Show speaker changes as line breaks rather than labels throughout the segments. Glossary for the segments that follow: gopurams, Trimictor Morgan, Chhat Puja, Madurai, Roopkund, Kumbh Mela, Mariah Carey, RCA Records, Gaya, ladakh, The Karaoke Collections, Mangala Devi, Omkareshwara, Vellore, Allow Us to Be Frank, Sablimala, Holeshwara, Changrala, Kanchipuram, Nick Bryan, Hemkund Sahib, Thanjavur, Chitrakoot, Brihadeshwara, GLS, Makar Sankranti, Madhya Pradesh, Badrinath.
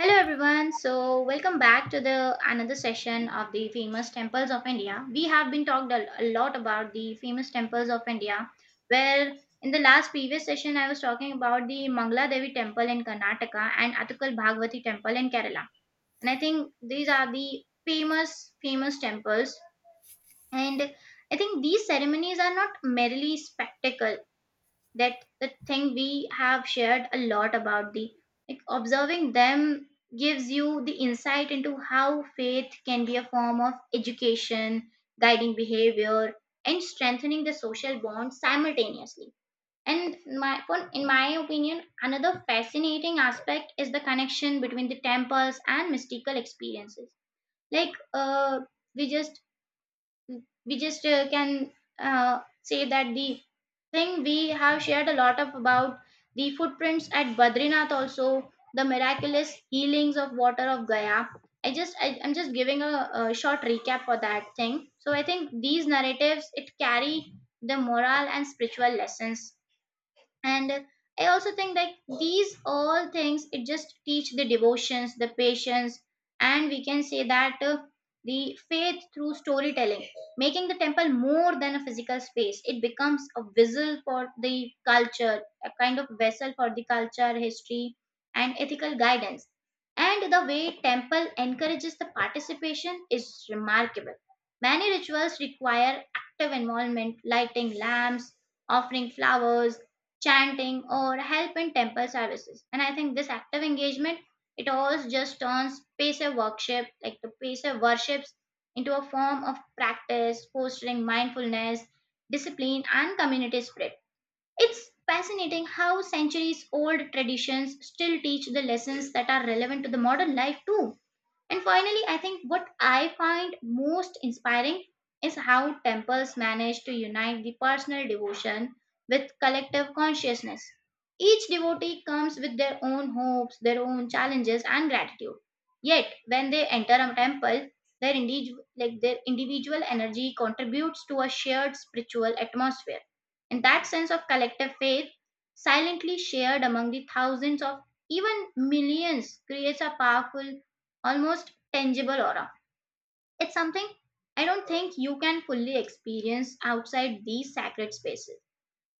Hello everyone. So welcome back to the another session of the famous temples of India. We have been talked a lot about the famous temples of India. Where in the last previous session I was talking about the Mangala Devi temple in Karnataka and Athukal Bhagwati temple in Kerala. And I think these are the famous temples and I think these ceremonies are not merely spectacle that the thing we have shared a lot about the like observing them gives you the insight into how faith can be a form of education guiding behavior and strengthening the social bond simultaneously and in my opinion another fascinating aspect is the connection between the temples and mystical experiences like we just Mm, we just can say that the thing we have shared a lot of about the footprints at Badrinath also the miraculous healings of water of Gaya. I'm just giving a short recap for that thing. So I think these narratives it carry the moral and spiritual lessons and I also think like these all things it just teach the devotions the patience and we can say that the faith through storytelling making the temple more than a physical space it becomes a vessel for the culture a kind of vessel for the culture history and ethical guidance. And the way temple encourages the participation is remarkable. Many rituals require active involvement lighting lamps offering flowers chanting or help in temple services. And I think this active engagement it all just turns passive worship like the passive worships into a form of practice fostering mindfulness discipline and community spirit. It's fascinating how centuries old traditions still teach the lessons that are relevant to the modern life too. And finally, I think what I find most inspiring is how temples manage to unite the personal devotion with collective consciousness. Each devotee comes with their own hopes, their own challenges, and gratitude. Yet, when they enter a temple, like their individual energy contributes to a shared spiritual atmosphere. And that sense of collective faith, silently shared among the thousands of even millions, creates a powerful almost tangible aura. It's something I don't think you can fully experience outside these sacred spaces.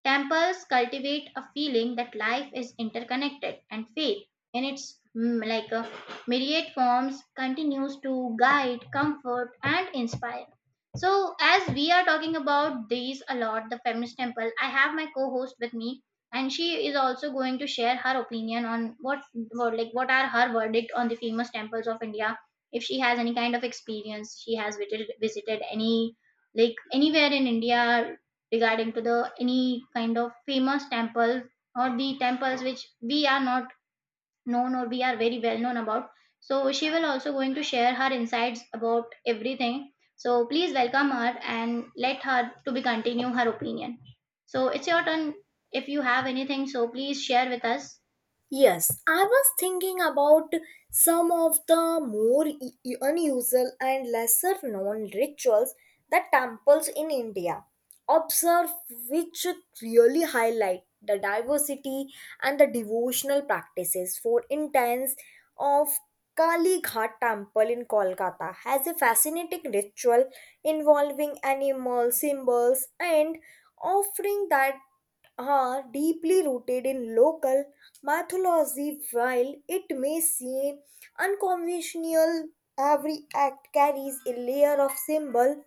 Temples cultivate a feeling that life is interconnected and faith in its myriad forms continues to guide, comfort and inspire. So as we are talking about these a lot, the feminist temple, I have my co-host with me and she is also going to share her opinion on what are her verdict on the famous temples of India. If she has any kind of experience, she has visited any like anywhere in India regarding to the any kind of famous temples or the temples which we are not known or we are very well known about. So she will also going to share her insights about everything. So please welcome her and let her to be continue her opinion. So it's your turn. If you have anything so please share with us.
Yes, I was thinking about some of the more unusual and lesser known rituals that temples in India observe, which really highlight the diversity and the devotional practices. For instance, of Kali Ghat Temple in Kolkata has a fascinating ritual involving animal symbols and offering that are deeply rooted in local mythology. While it may seem unconventional, every act carries a layer of symbol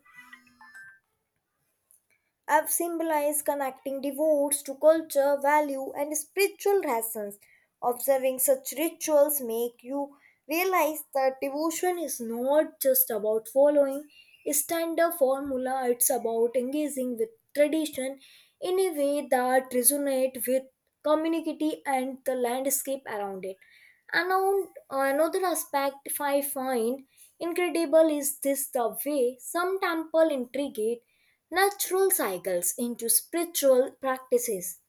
have symbolized connecting devotes to culture, value, and spiritual lessons. Observing such rituals make you realize that devotion is not just about following a standard formula, it's about engaging with tradition in a way that resonates with community and the landscape around it. Another aspect I find incredible is this the way some temple integrate natural cycles into spiritual practices.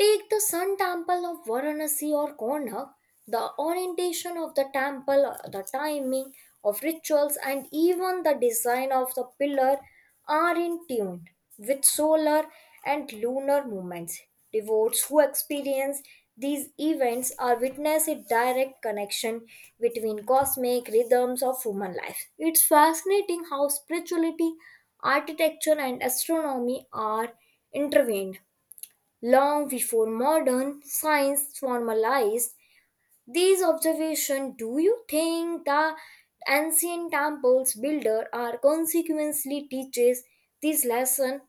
Take the Sun Temple of Varanasi or Konak, the orientation of the temple, the timing of rituals, and even the design of the pillar are in tune with solar and lunar movements. Devotees who experience these events are witness a direct connection between cosmic rhythms of human life. It's fascinating how spirituality, architecture, and astronomy are intervened. Long before modern science formalized these observations, do you think the ancient temples builder are consequently teaches this lesson,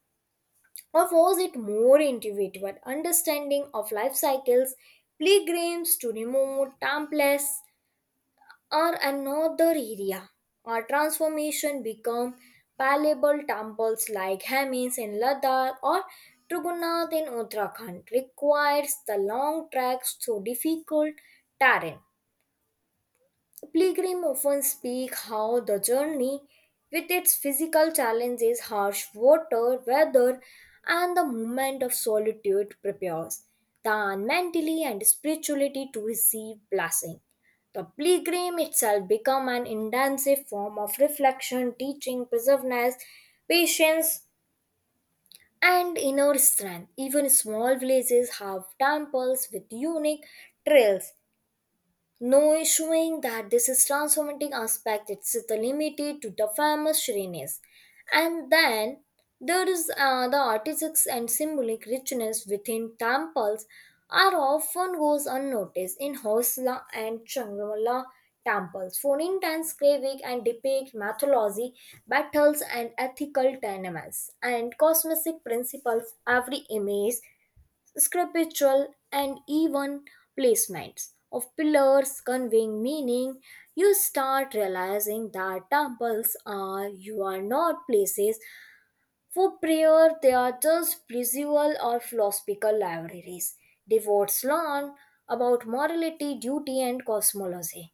or was it more intuitive understanding of life cycles, pilgrims to remote temples? Or another area. Our transformation become palatable temples like Hamis in Ladakh or Trugunath in Uttarakhand requires the long tracks through difficult terrain. Pilgrim often speak how the journey, with its physical challenges, harsh water, weather, and the moment of solitude, prepares the man mentally and spirituality to receive blessing. The pilgrim itself become an intensive form of reflection, teaching, perseverance, patience, and inner strength. Even small villages have temples with unique trails no issuing that this is transformative aspect it's the limited to the famous shriness. And then there is the artistic and symbolic richness within temples are often goes unnoticed in Hosla and Changrala temples for intense craving and depict mythology, battles and ethical dilemmas and cosmic principles every image scriptural, and even placements of pillars conveying meaning, you start realizing that temples are you are not places for prayer, they are just spiritual or philosophical libraries. Devotes learn about morality, duty, and cosmology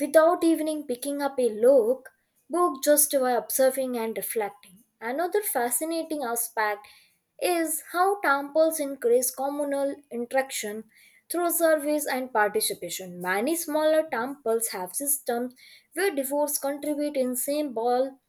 without even picking up a look, book just by observing and reflecting. Another fascinating aspect is how temples increase communal interaction through service and participation. Many smaller temples have systems where devotees contribute in symbol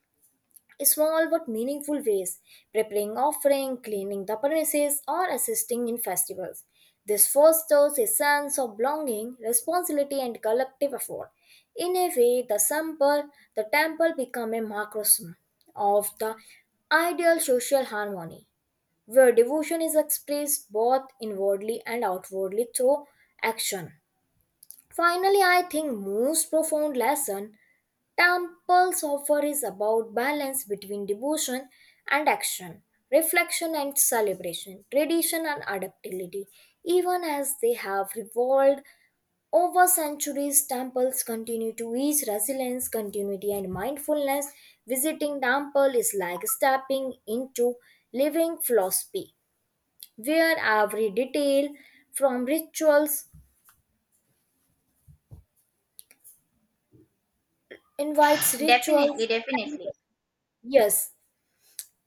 small but meaningful ways, preparing offering, cleaning the premises, or assisting in festivals. This fosters a sense of belonging, responsibility, and collective effort. In a way, the temple become a microcosm of the ideal social harmony, where devotion is expressed both inwardly and outwardly through action. Finally, I think most profound lesson temples offer is about balance between devotion and action, reflection and celebration, tradition and adaptability. Even as they have evolved over centuries, temples continue to teach resilience, continuity, and mindfulness. Visiting temple is like stepping into living philosophy, where every detail from rituals invites rituals
Definitely,
and
definitely.
yes,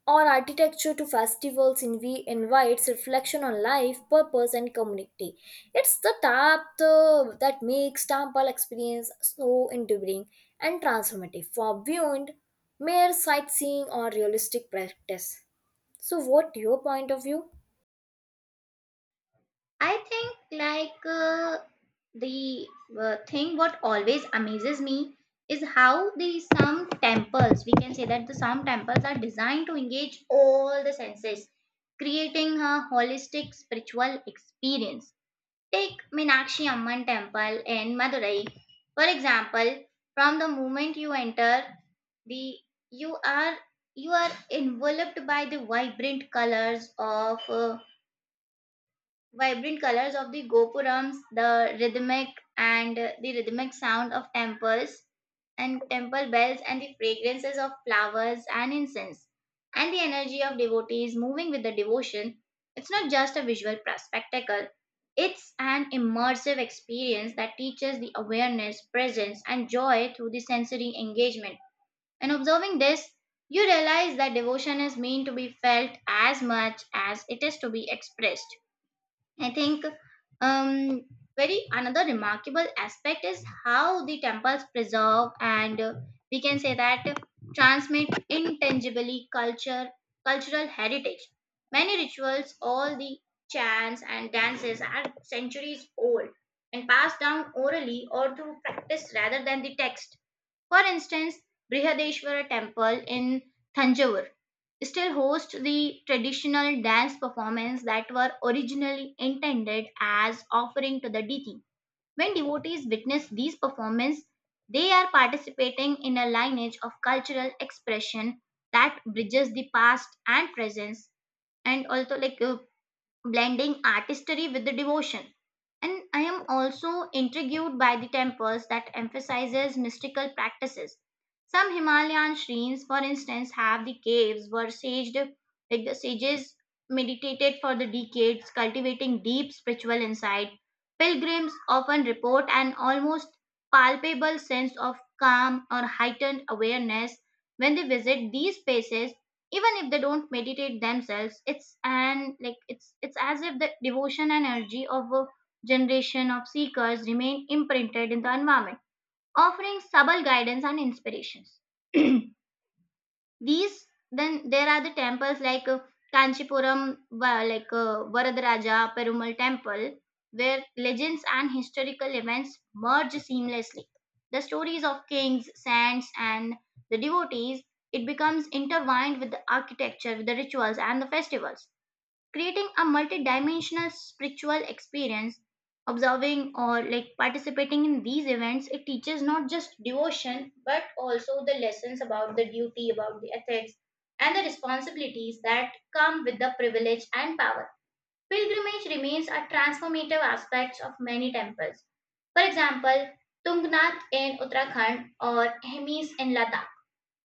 on architecture to festivals in we invites reflection on life, purpose and community. It's the tap the, that makes temple experience so enduring and transformative for beyond mere sightseeing or realistic practice. So what your point of view?
I think like the thing what always amazes me is how the some temples we can say that the some temples are designed to engage all the senses, creating a holistic spiritual experience. Take Meenakshi Amman Temple in Madurai, for example. From the moment you enter, the you are you are enveloped by the vibrant colors of the gopurams, the rhythmic sound of temple bells and the fragrances of flowers and incense and the energy of devotees moving with the devotion. It's not just a visual spectacle. It's an immersive experience that teaches the awareness, presence, and joy through the sensory engagement. In observing this, you realize that devotion is meant to be felt as much as it is to be expressed. I think um, very another remarkable aspect is how the temples preserve and we can say that transmit intangibly culture cultural heritage. Many rituals, all the chants and dances are centuries old and passed down orally or through practice rather than the text. For instance, Brihadeshwara temple in Thanjavur still hosts the traditional dance performance that were originally intended as offering to the deity. When devotees witness these performances, they are participating in a lineage of cultural expression that bridges the past and presence and also blending artistry with the devotion. And I am also intrigued by the temples that emphasizes mystical practices. Some Himalayan shrines, for instance, have the caves where saged, like the sages meditated for the decades, cultivating deep spiritual insight. Pilgrims often report an almost palpable sense of calm or heightened awareness when they visit these spaces even if they don't meditate themselves. It's as if the devotion and energy of a generation of seekers remain imprinted in the environment offering subtle guidance and inspirations. These Then there are the temples like Varadaraja Perumal Temple, where legends and historical events merge seamlessly. The stories of kings, saints, and the devotees it becomes intertwined with the architecture, with the rituals, and the festivals creating a multidimensional spiritual experience. Observing or like participating in these events it teaches not just devotion but also the lessons about the duty about the ethics and the responsibilities that come with the privilege and power. Pilgrimage remains a transformative aspect of many temples. For example tungnath in uttarakhand or hemis in ladakh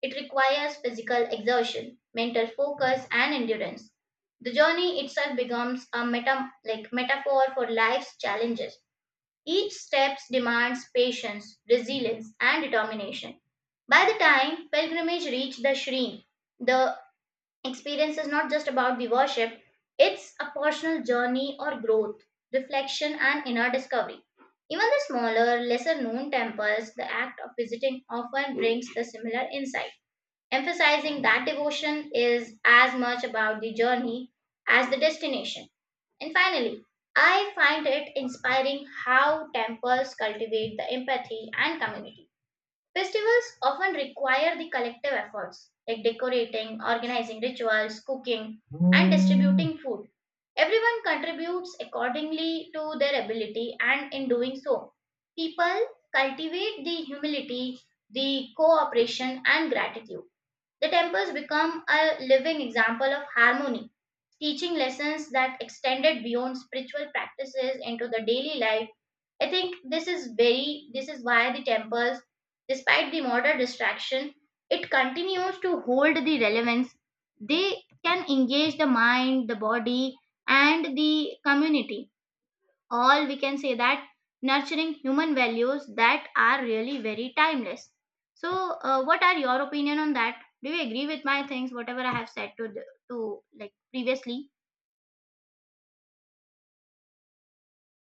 it requires physical exertion, mental focus, and endurance. The journey itself becomes a metaphor for life's challenges. Each step demands patience, resilience, and determination. By the time pilgrimage reached the Shri, the experience is not just about the worship, it's a personal journey or growth, reflection, and inner discovery. Even the smaller, lesser known temples, the act of visiting often brings the similar insight emphasizing that devotion is as much about the journey as the destination. And finally, I find it inspiring how temples cultivate the empathy and community. Festivals often require the collective efforts like decorating, organizing rituals, cooking, and distributing food. Everyone contributes accordingly to their ability, and in doing so, people cultivate the humility, the cooperation, and gratitude. The temples become a living example of harmony, teaching lessons that extended beyond spiritual practices into the daily life. I think this is very this is why the temples, despite the modern distraction, it continues to hold the relevance. They can engage the mind, the body, and the community all we can say that nurturing human values that are really very timeless. So what are your opinion on that. Do you agree with my things whatever I have said to to like previously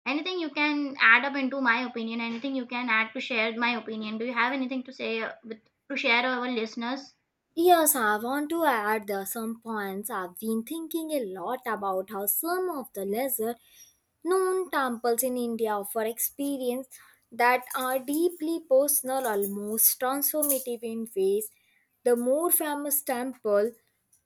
anything you can add up into my opinion anything you can add to share my opinion do you have anything to say with to share our listeners.
Yes, I want to add there some points. I've been thinking a lot about how some of the lesser known temples in India offer experience that are deeply personal, almost transformative in ways. The more famous temple,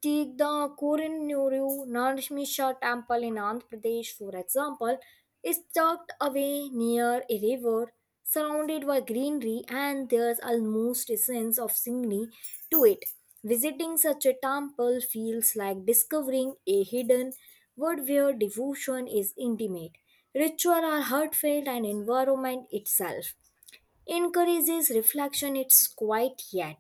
take the Korinuru Narsimha temple in Andhra Pradesh, for example, is tucked away near a river surrounded by greenery and there's almost a sense of scenery to it. Visiting such a temple feels like discovering a hidden world where devotion is intimate, ritual are heartfelt, and environment itself encourages reflection. It's quiet yet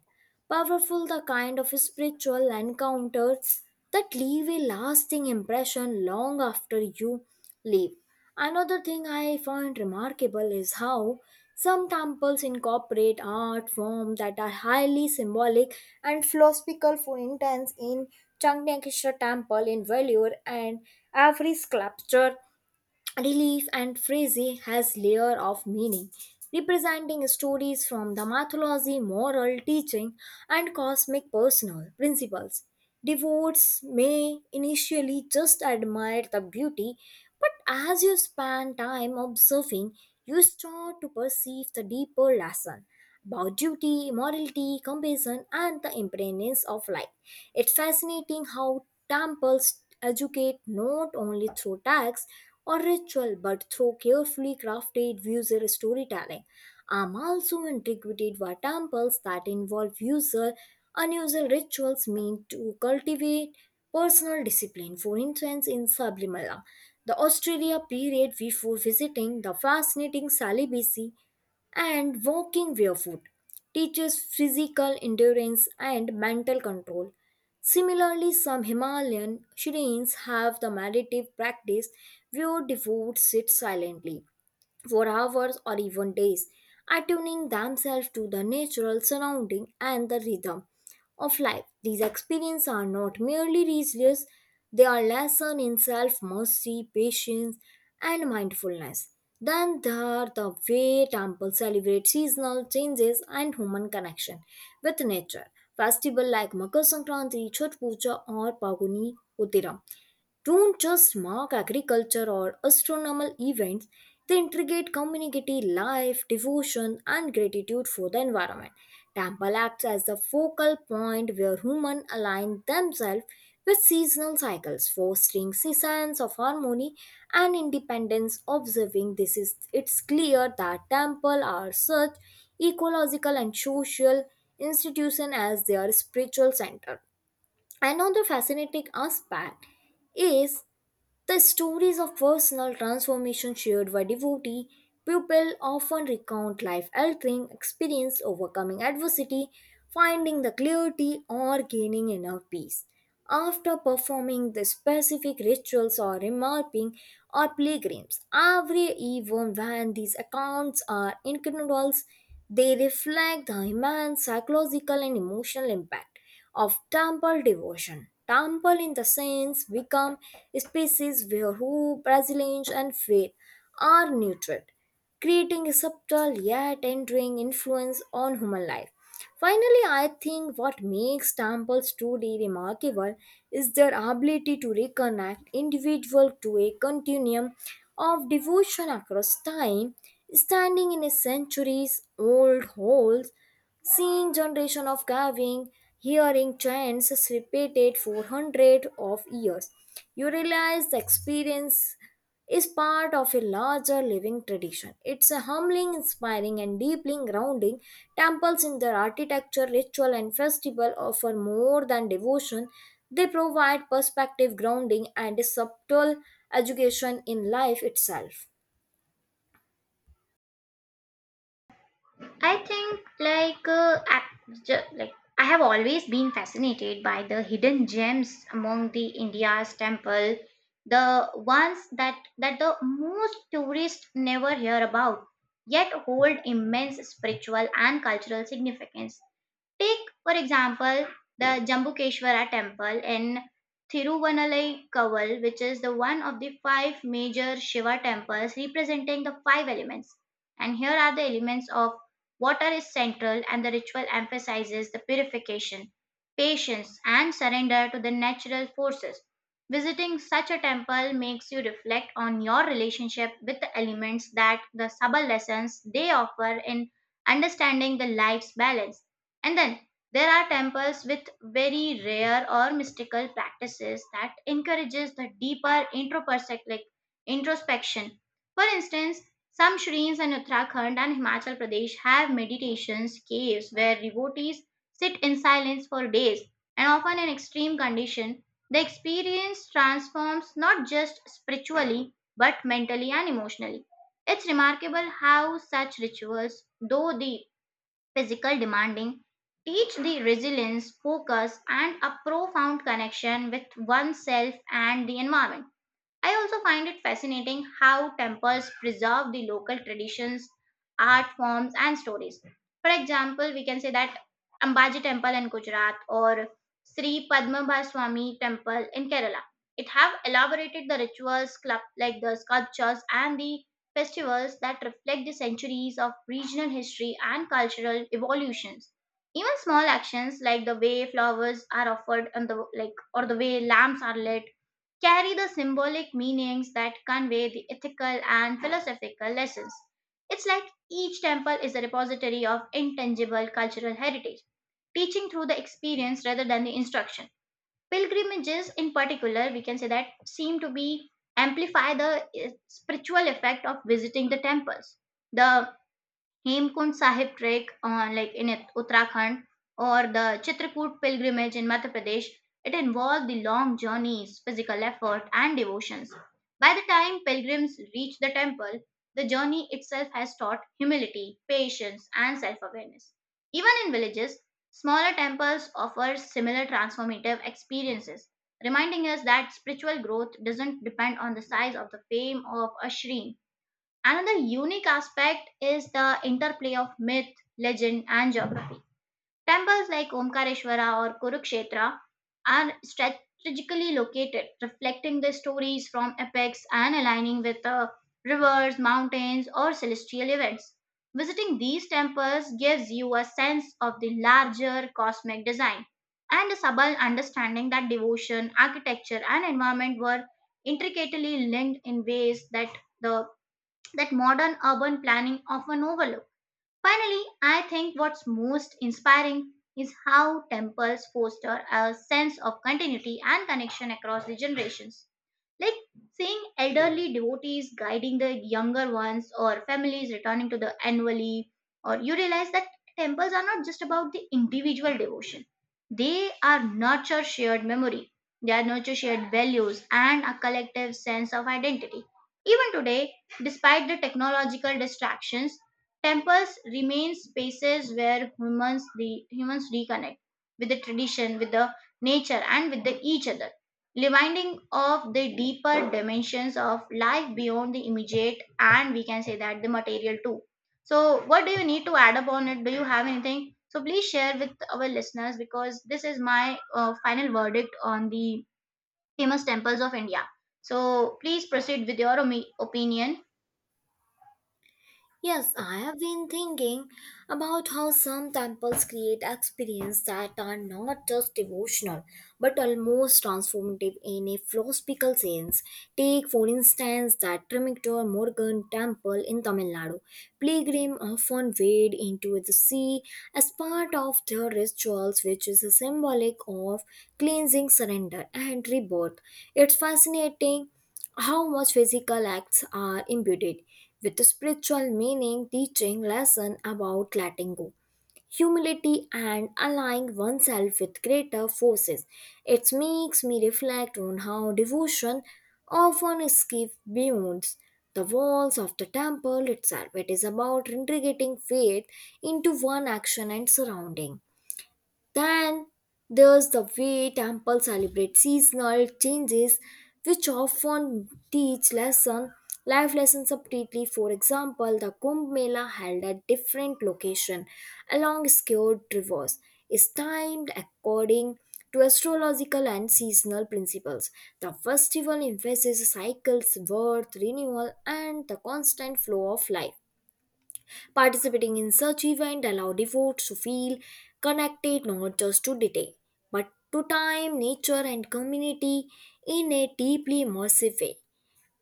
powerful, the kind of spiritual encounters that leave a lasting impression long after you leave. Another thing I find remarkable is how some temples incorporate art forms that are highly symbolic and philosophical. For instance, in Changnakeshwar Temple in Vellore, and every sculpture relief and phrase has layer of meaning, representing stories from the mythology, moral teaching, and cosmic personal principles. Devotees may initially just admire the beauty, but as you spend time observing, you start to perceive the deeper lesson about duty, morality, compassion, and the impermanence of life. It's fascinating how temples educate not only through texts or ritual, but through carefully crafted user storytelling. I'm also intrigued by temples that involve user unusual rituals meant to cultivate personal discipline. For instance, in Sablimala, the Australia period before visiting the fascinating celibacy and walking barefoot teaches physical endurance and mental control. Similarly, some Himalayan shrines have the meditative practice where devotees sit silently for hours or even days, attuning themselves to the natural surrounding and the rhythm of life. These experiences are not merely resilience, they are lessons in self-mastery, patience, and mindfulness. Then there are the way temples celebrate seasonal changes and human connection with nature. Festivals like Makar Sankranti, Chhat Puja, or Paguni Uttiram don't just mark agriculture or astronomical events, they integrate community life, devotion, and gratitude for the environment. Temple acts as the focal point where humans align themselves with seasonal cycles, fostering seasons of harmony and independence. Observing this is it's clear that temple are such ecological and social institution as their spiritual center. Another fascinating aspect is the stories of personal transformation shared by devotee people often recount life altering experience, overcoming adversity, finding the clarity, or gaining inner peace. After performing the specific rituals or remarking or pilgrims, every even when these accounts are incredible, they reflect the immense psychological and emotional impact of temple devotion. Temple, in the sense, become spaces where hope, resilience, and faith are nurtured, creating a subtle yet enduring influence on human life. Finally, I think what makes temples truly remarkable is their ability to reconnect individual to a continuum of devotion across time, standing in a centuries old halls seeing generation of carving, hearing chants repeated for hundreds of years. You realize the experience is part of a larger living tradition. It's a humbling, inspiring, and deeply grounding. Temples in their architecture, ritual, and festival offer more than devotion. They provide perspective, grounding, and a subtle education in life itself.
I think I have always been fascinated by the hidden gems among the India's temple, the ones that the most tourists never hear about, yet hold immense spiritual and cultural significance. Take, for example, the Jambukeshwara temple in Thiruvannamalai Koval, which is the one of the five major Shiva temples representing the five elements. And here are the elements of water is central and the ritual emphasizes the purification, patience and surrender to the natural forces. Visiting such a temple makes you reflect on your relationship with the elements that the subtle lessons they offer in understanding the life's balance. And then there are temples with very rare or mystical practices that encourages the deeper introspective introspection. For instance, some shrines in Uttarakhand and Himachal Pradesh have meditations caves where devotees sit in silence for days and often in extreme condition. The experience transforms not just spiritually but mentally and emotionally. It's remarkable how such rituals, though deep, physical demanding teach the resilience, focus, and a profound connection with oneself and the environment. I also find it fascinating how temples preserve the local traditions, art forms, and stories. For example, we can say that Ambaji Temple in Gujarat or Sri Padmabha Swami Temple in Kerala. It have elaborated the rituals, club, like the sculptures and the festivals that reflect the centuries of regional history and cultural evolutions. Even small actions like the way flowers are offered and the like or the way lamps are lit carry the symbolic meanings that convey the ethical and philosophical lessons. It's like each temple is a repository of intangible cultural heritage, teaching through the experience rather than the instruction. Pilgrimages, in particular, we can say that seem to be amplify the spiritual effect of visiting the temples. The Hemkund Sahib trek like in Uttarakhand or the Chitrakoot pilgrimage in Madhya Pradesh, it involved the long journeys, physical effort, and devotions. By the time pilgrims reach the temple, the journey itself has taught humility, patience, and self awareness. Even in villages, smaller temples offer similar transformative experiences, reminding us that spiritual growth doesn't depend on the size of the fame of a shrine. Another unique aspect is the interplay of myth, legend, and geography. Temples like Omkareshwara or Kurukshetra are strategically located, reflecting the stories from epics and aligning with rivers, mountains, or celestial events. Visiting these temples gives you a sense of the larger cosmic design and a subtle understanding that devotion, architecture, and environment were intricately linked in ways that the that modern urban planning often overlooks. Finally, I think what's most inspiring is how temples foster a sense of continuity and connection across the generations. Like seeing elderly devotees guiding the younger ones or families returning to the annually, or you realize that temples are not just about the individual devotion. They are nurture shared memory. They are nurture shared values and a collective sense of identity. Even today, despite the technological distractions, temples remain spaces where humans reconnect with the tradition, with the nature, and with the each other, reminding of the deeper dimensions of life beyond the immediate and we can say that the material too. So what do you need to add upon it? Do you have anything? So please share with our listeners, because this is my final verdict on the famous temples of India. So please proceed with your opinion.
Yes, I have been thinking about how some temples create experiences that are not just devotional but almost transformative in a philosophical sense. Take, for instance, that Trimictor Morgan temple in Tamil Nadu. Pilgrims often wade into the sea as part of their rituals, which is a symbolic of cleansing, surrender, and rebirth. It's fascinating how much physical acts are imbued with the spiritual meaning, teaching lesson about letting go, humility, and aligning oneself with greater forces. It makes me reflect on how devotion often escapes beyond the walls of the temple itself. It is about integrating faith into one action and surrounding. Then there's the way temples celebrate seasonal changes, which often teach lesson, life lessons separately. For example, the Kumbh Mela held at different location along skewed rivers is timed according to astrological and seasonal principles. The festival emphasizes cycles, birth, renewal, and the constant flow of life. Participating in such event allow devotees to feel connected not just to deity, but to time, nature, and community in a deeply immersive way.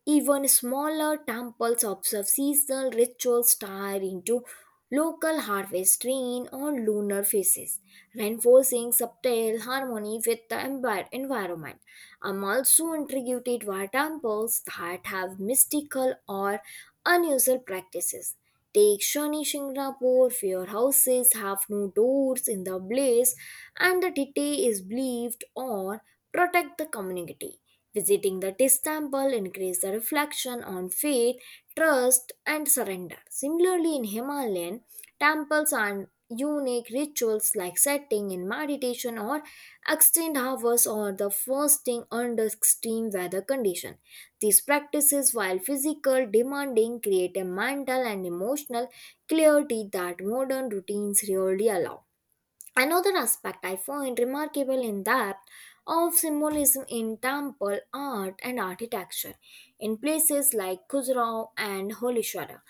Even smaller temples observe seasonal rituals tied into local harvest rain or lunar phases, reinforcing subtle harmony with the environment. I'm also intrigued by temples that have mystical or unusual practices. Take Shani Shingrapur, where houses have no doors in the blaze, and the deity is believed or protect the community. Visiting the Tis temple increased the reflection on faith, trust, and surrender. Similarly, in Himalayan temples and unique rituals like sitting in meditation or extended hours or the fasting under extreme weather condition. These practices, while physical demanding, create a mental and emotional clarity that modern routines rarely allow. Another aspect I find remarkable in that of symbolism in temple art and architecture in places like Khajuraho and Holeshwara.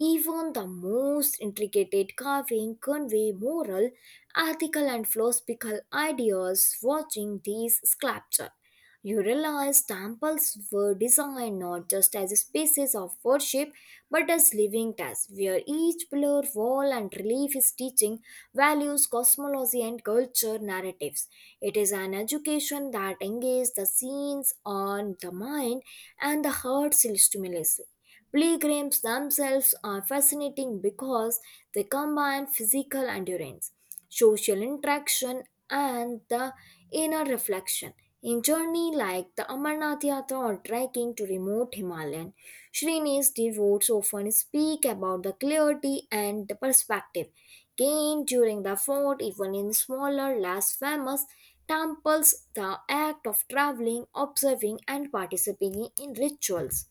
Even the most intricate carving convey moral, ethical, and philosophical ideas. Watching these sculptures, you realize temples were designed not just as spaces of worship but as living tests where each pillar, wall, and relief is teaching values, cosmology, and culture narratives. It is an education that engages the scenes on the mind and the heart simultaneously. Pilgrims themselves are fascinating because they combine physical endurance, social interaction, and the inner reflection. In journey like the Amarnath Yatra or trekking to remote Himalayan, Srinivas devotees often speak about the clarity and the perspective gained during the fort, even in smaller, less famous temples. The act of traveling, observing, and participating in rituals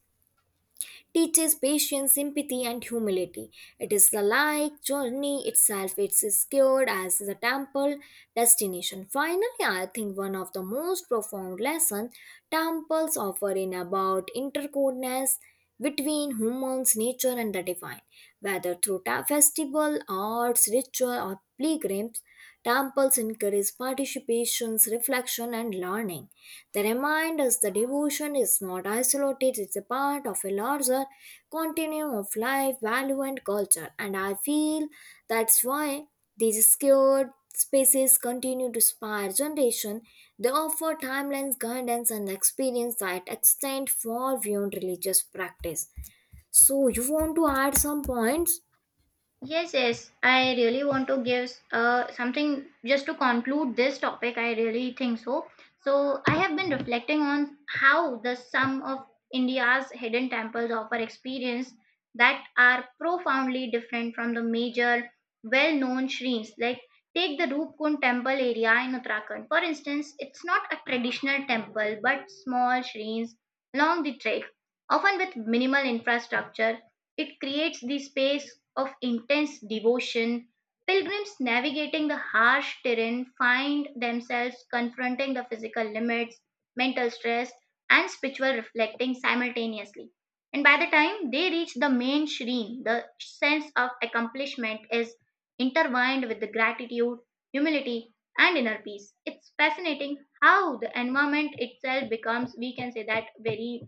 teaches patience, sympathy, and humility. It is the like journey itself. It's secured as the temple destination. Finally, I think one of the most profound lessons temples offer in about interconnectedness between humans, nature, and the divine. Whether through festival, arts, ritual, or pilgrims, temples encourage participation, reflection, and learning. They remind us the devotion is not isolated, it's a part of a larger continuum of life, value, and culture. And I feel that's why these scared spaces continue to inspire generation. They offer timelines, guidance, and experience that extend far beyond religious practice. So, you want to add some points?
Yes, yes. I really want to give something just to conclude this topic. I really think so. So, I have been reflecting on how the sum of India's hidden temples offer experience that are profoundly different from the major well known shrines. Like, take the Roopkund temple area in Uttarakhand. For instance, it's not a traditional temple but small shrines along the trail, often with minimal infrastructure, it creates the space of intense devotion. Pilgrims navigating the harsh terrain find themselves confronting the physical limits, mental stress, and spiritual reflecting simultaneously. And by the time they reach the main shrine, the sense of accomplishment is intertwined with the gratitude, humility, and inner peace. It's fascinating how the environment itself becomes, we can say that, very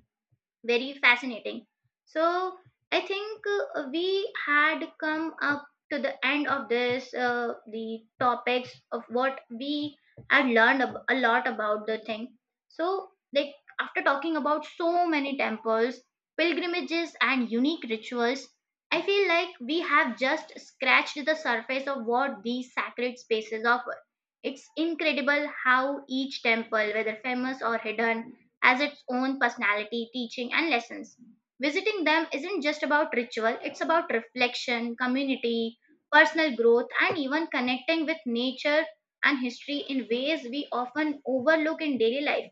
very fascinating. So I think we had come up to the end of this the topics of what we had learned a lot about the thing. So like, after talking about so many temples, pilgrimages, and unique rituals, I feel like we have just scratched the surface of what these sacred spaces offer. It's incredible how each temple, whether famous or hidden, as its own personality, teaching, and lessons. Visiting them isn't just about ritual, it's about reflection, community, personal growth, and even connecting with nature and history in ways we often overlook in daily life.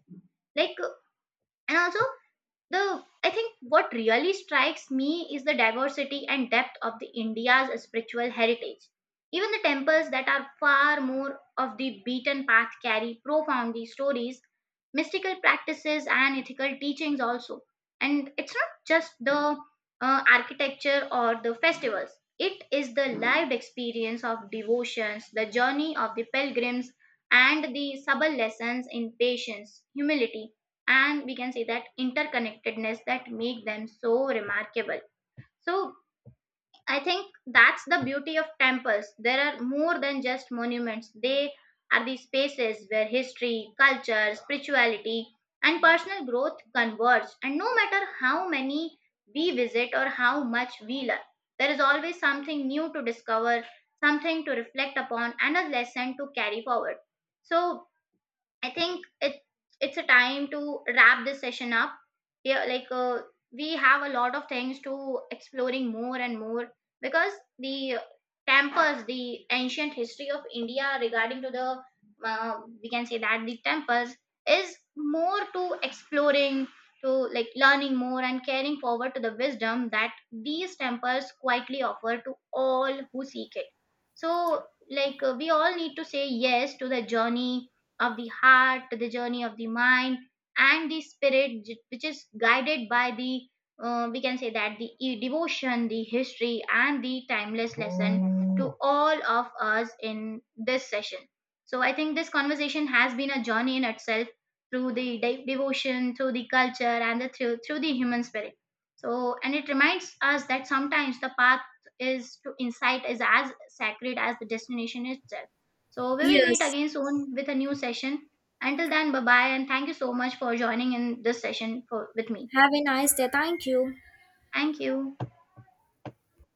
Like, and also, the I think what really strikes me is the diversity and depth of the India's spiritual heritage. Even the temples that are far more of the beaten path carry profoundly stories, mystical practices, and ethical teachings also, and it's not just the architecture or the festivals, it is the lived experience of devotions, the journey of the pilgrims, and the subtle lessons in patience, humility, and we can say that interconnectedness that make them so remarkable. So I think that's the beauty of temples. There are more than just monuments. They are the spaces where history, culture, spirituality, and personal growth converge. And no matter how many we visit or how much we learn, there is always something new to discover, something to reflect upon, and a lesson to carry forward. So, I think it's a time to wrap this session up. Yeah, like we have a lot of things to exploring more and more, because the temples, the ancient history of India regarding to the we can say that the temples is more to exploring, to like learning more and carrying forward to the wisdom that these temples quietly offer to all who seek it. So like we all need to say yes to the journey of the heart, the journey of the mind, and the spirit, which is guided by the, we can say that the devotion, the history, and the timeless lesson to all of us in this session. So I think this conversation has been a journey in itself through the devotion, through the culture, and the, through the human spirit. So, and it reminds us that sometimes the path is to insight is as sacred as the destination itself. So we will meet
Yes.
again soon with a new session. Until then, bye bye, and thank you so much for joining in this session for, with me.
Have a nice day. Thank you.
Thank you.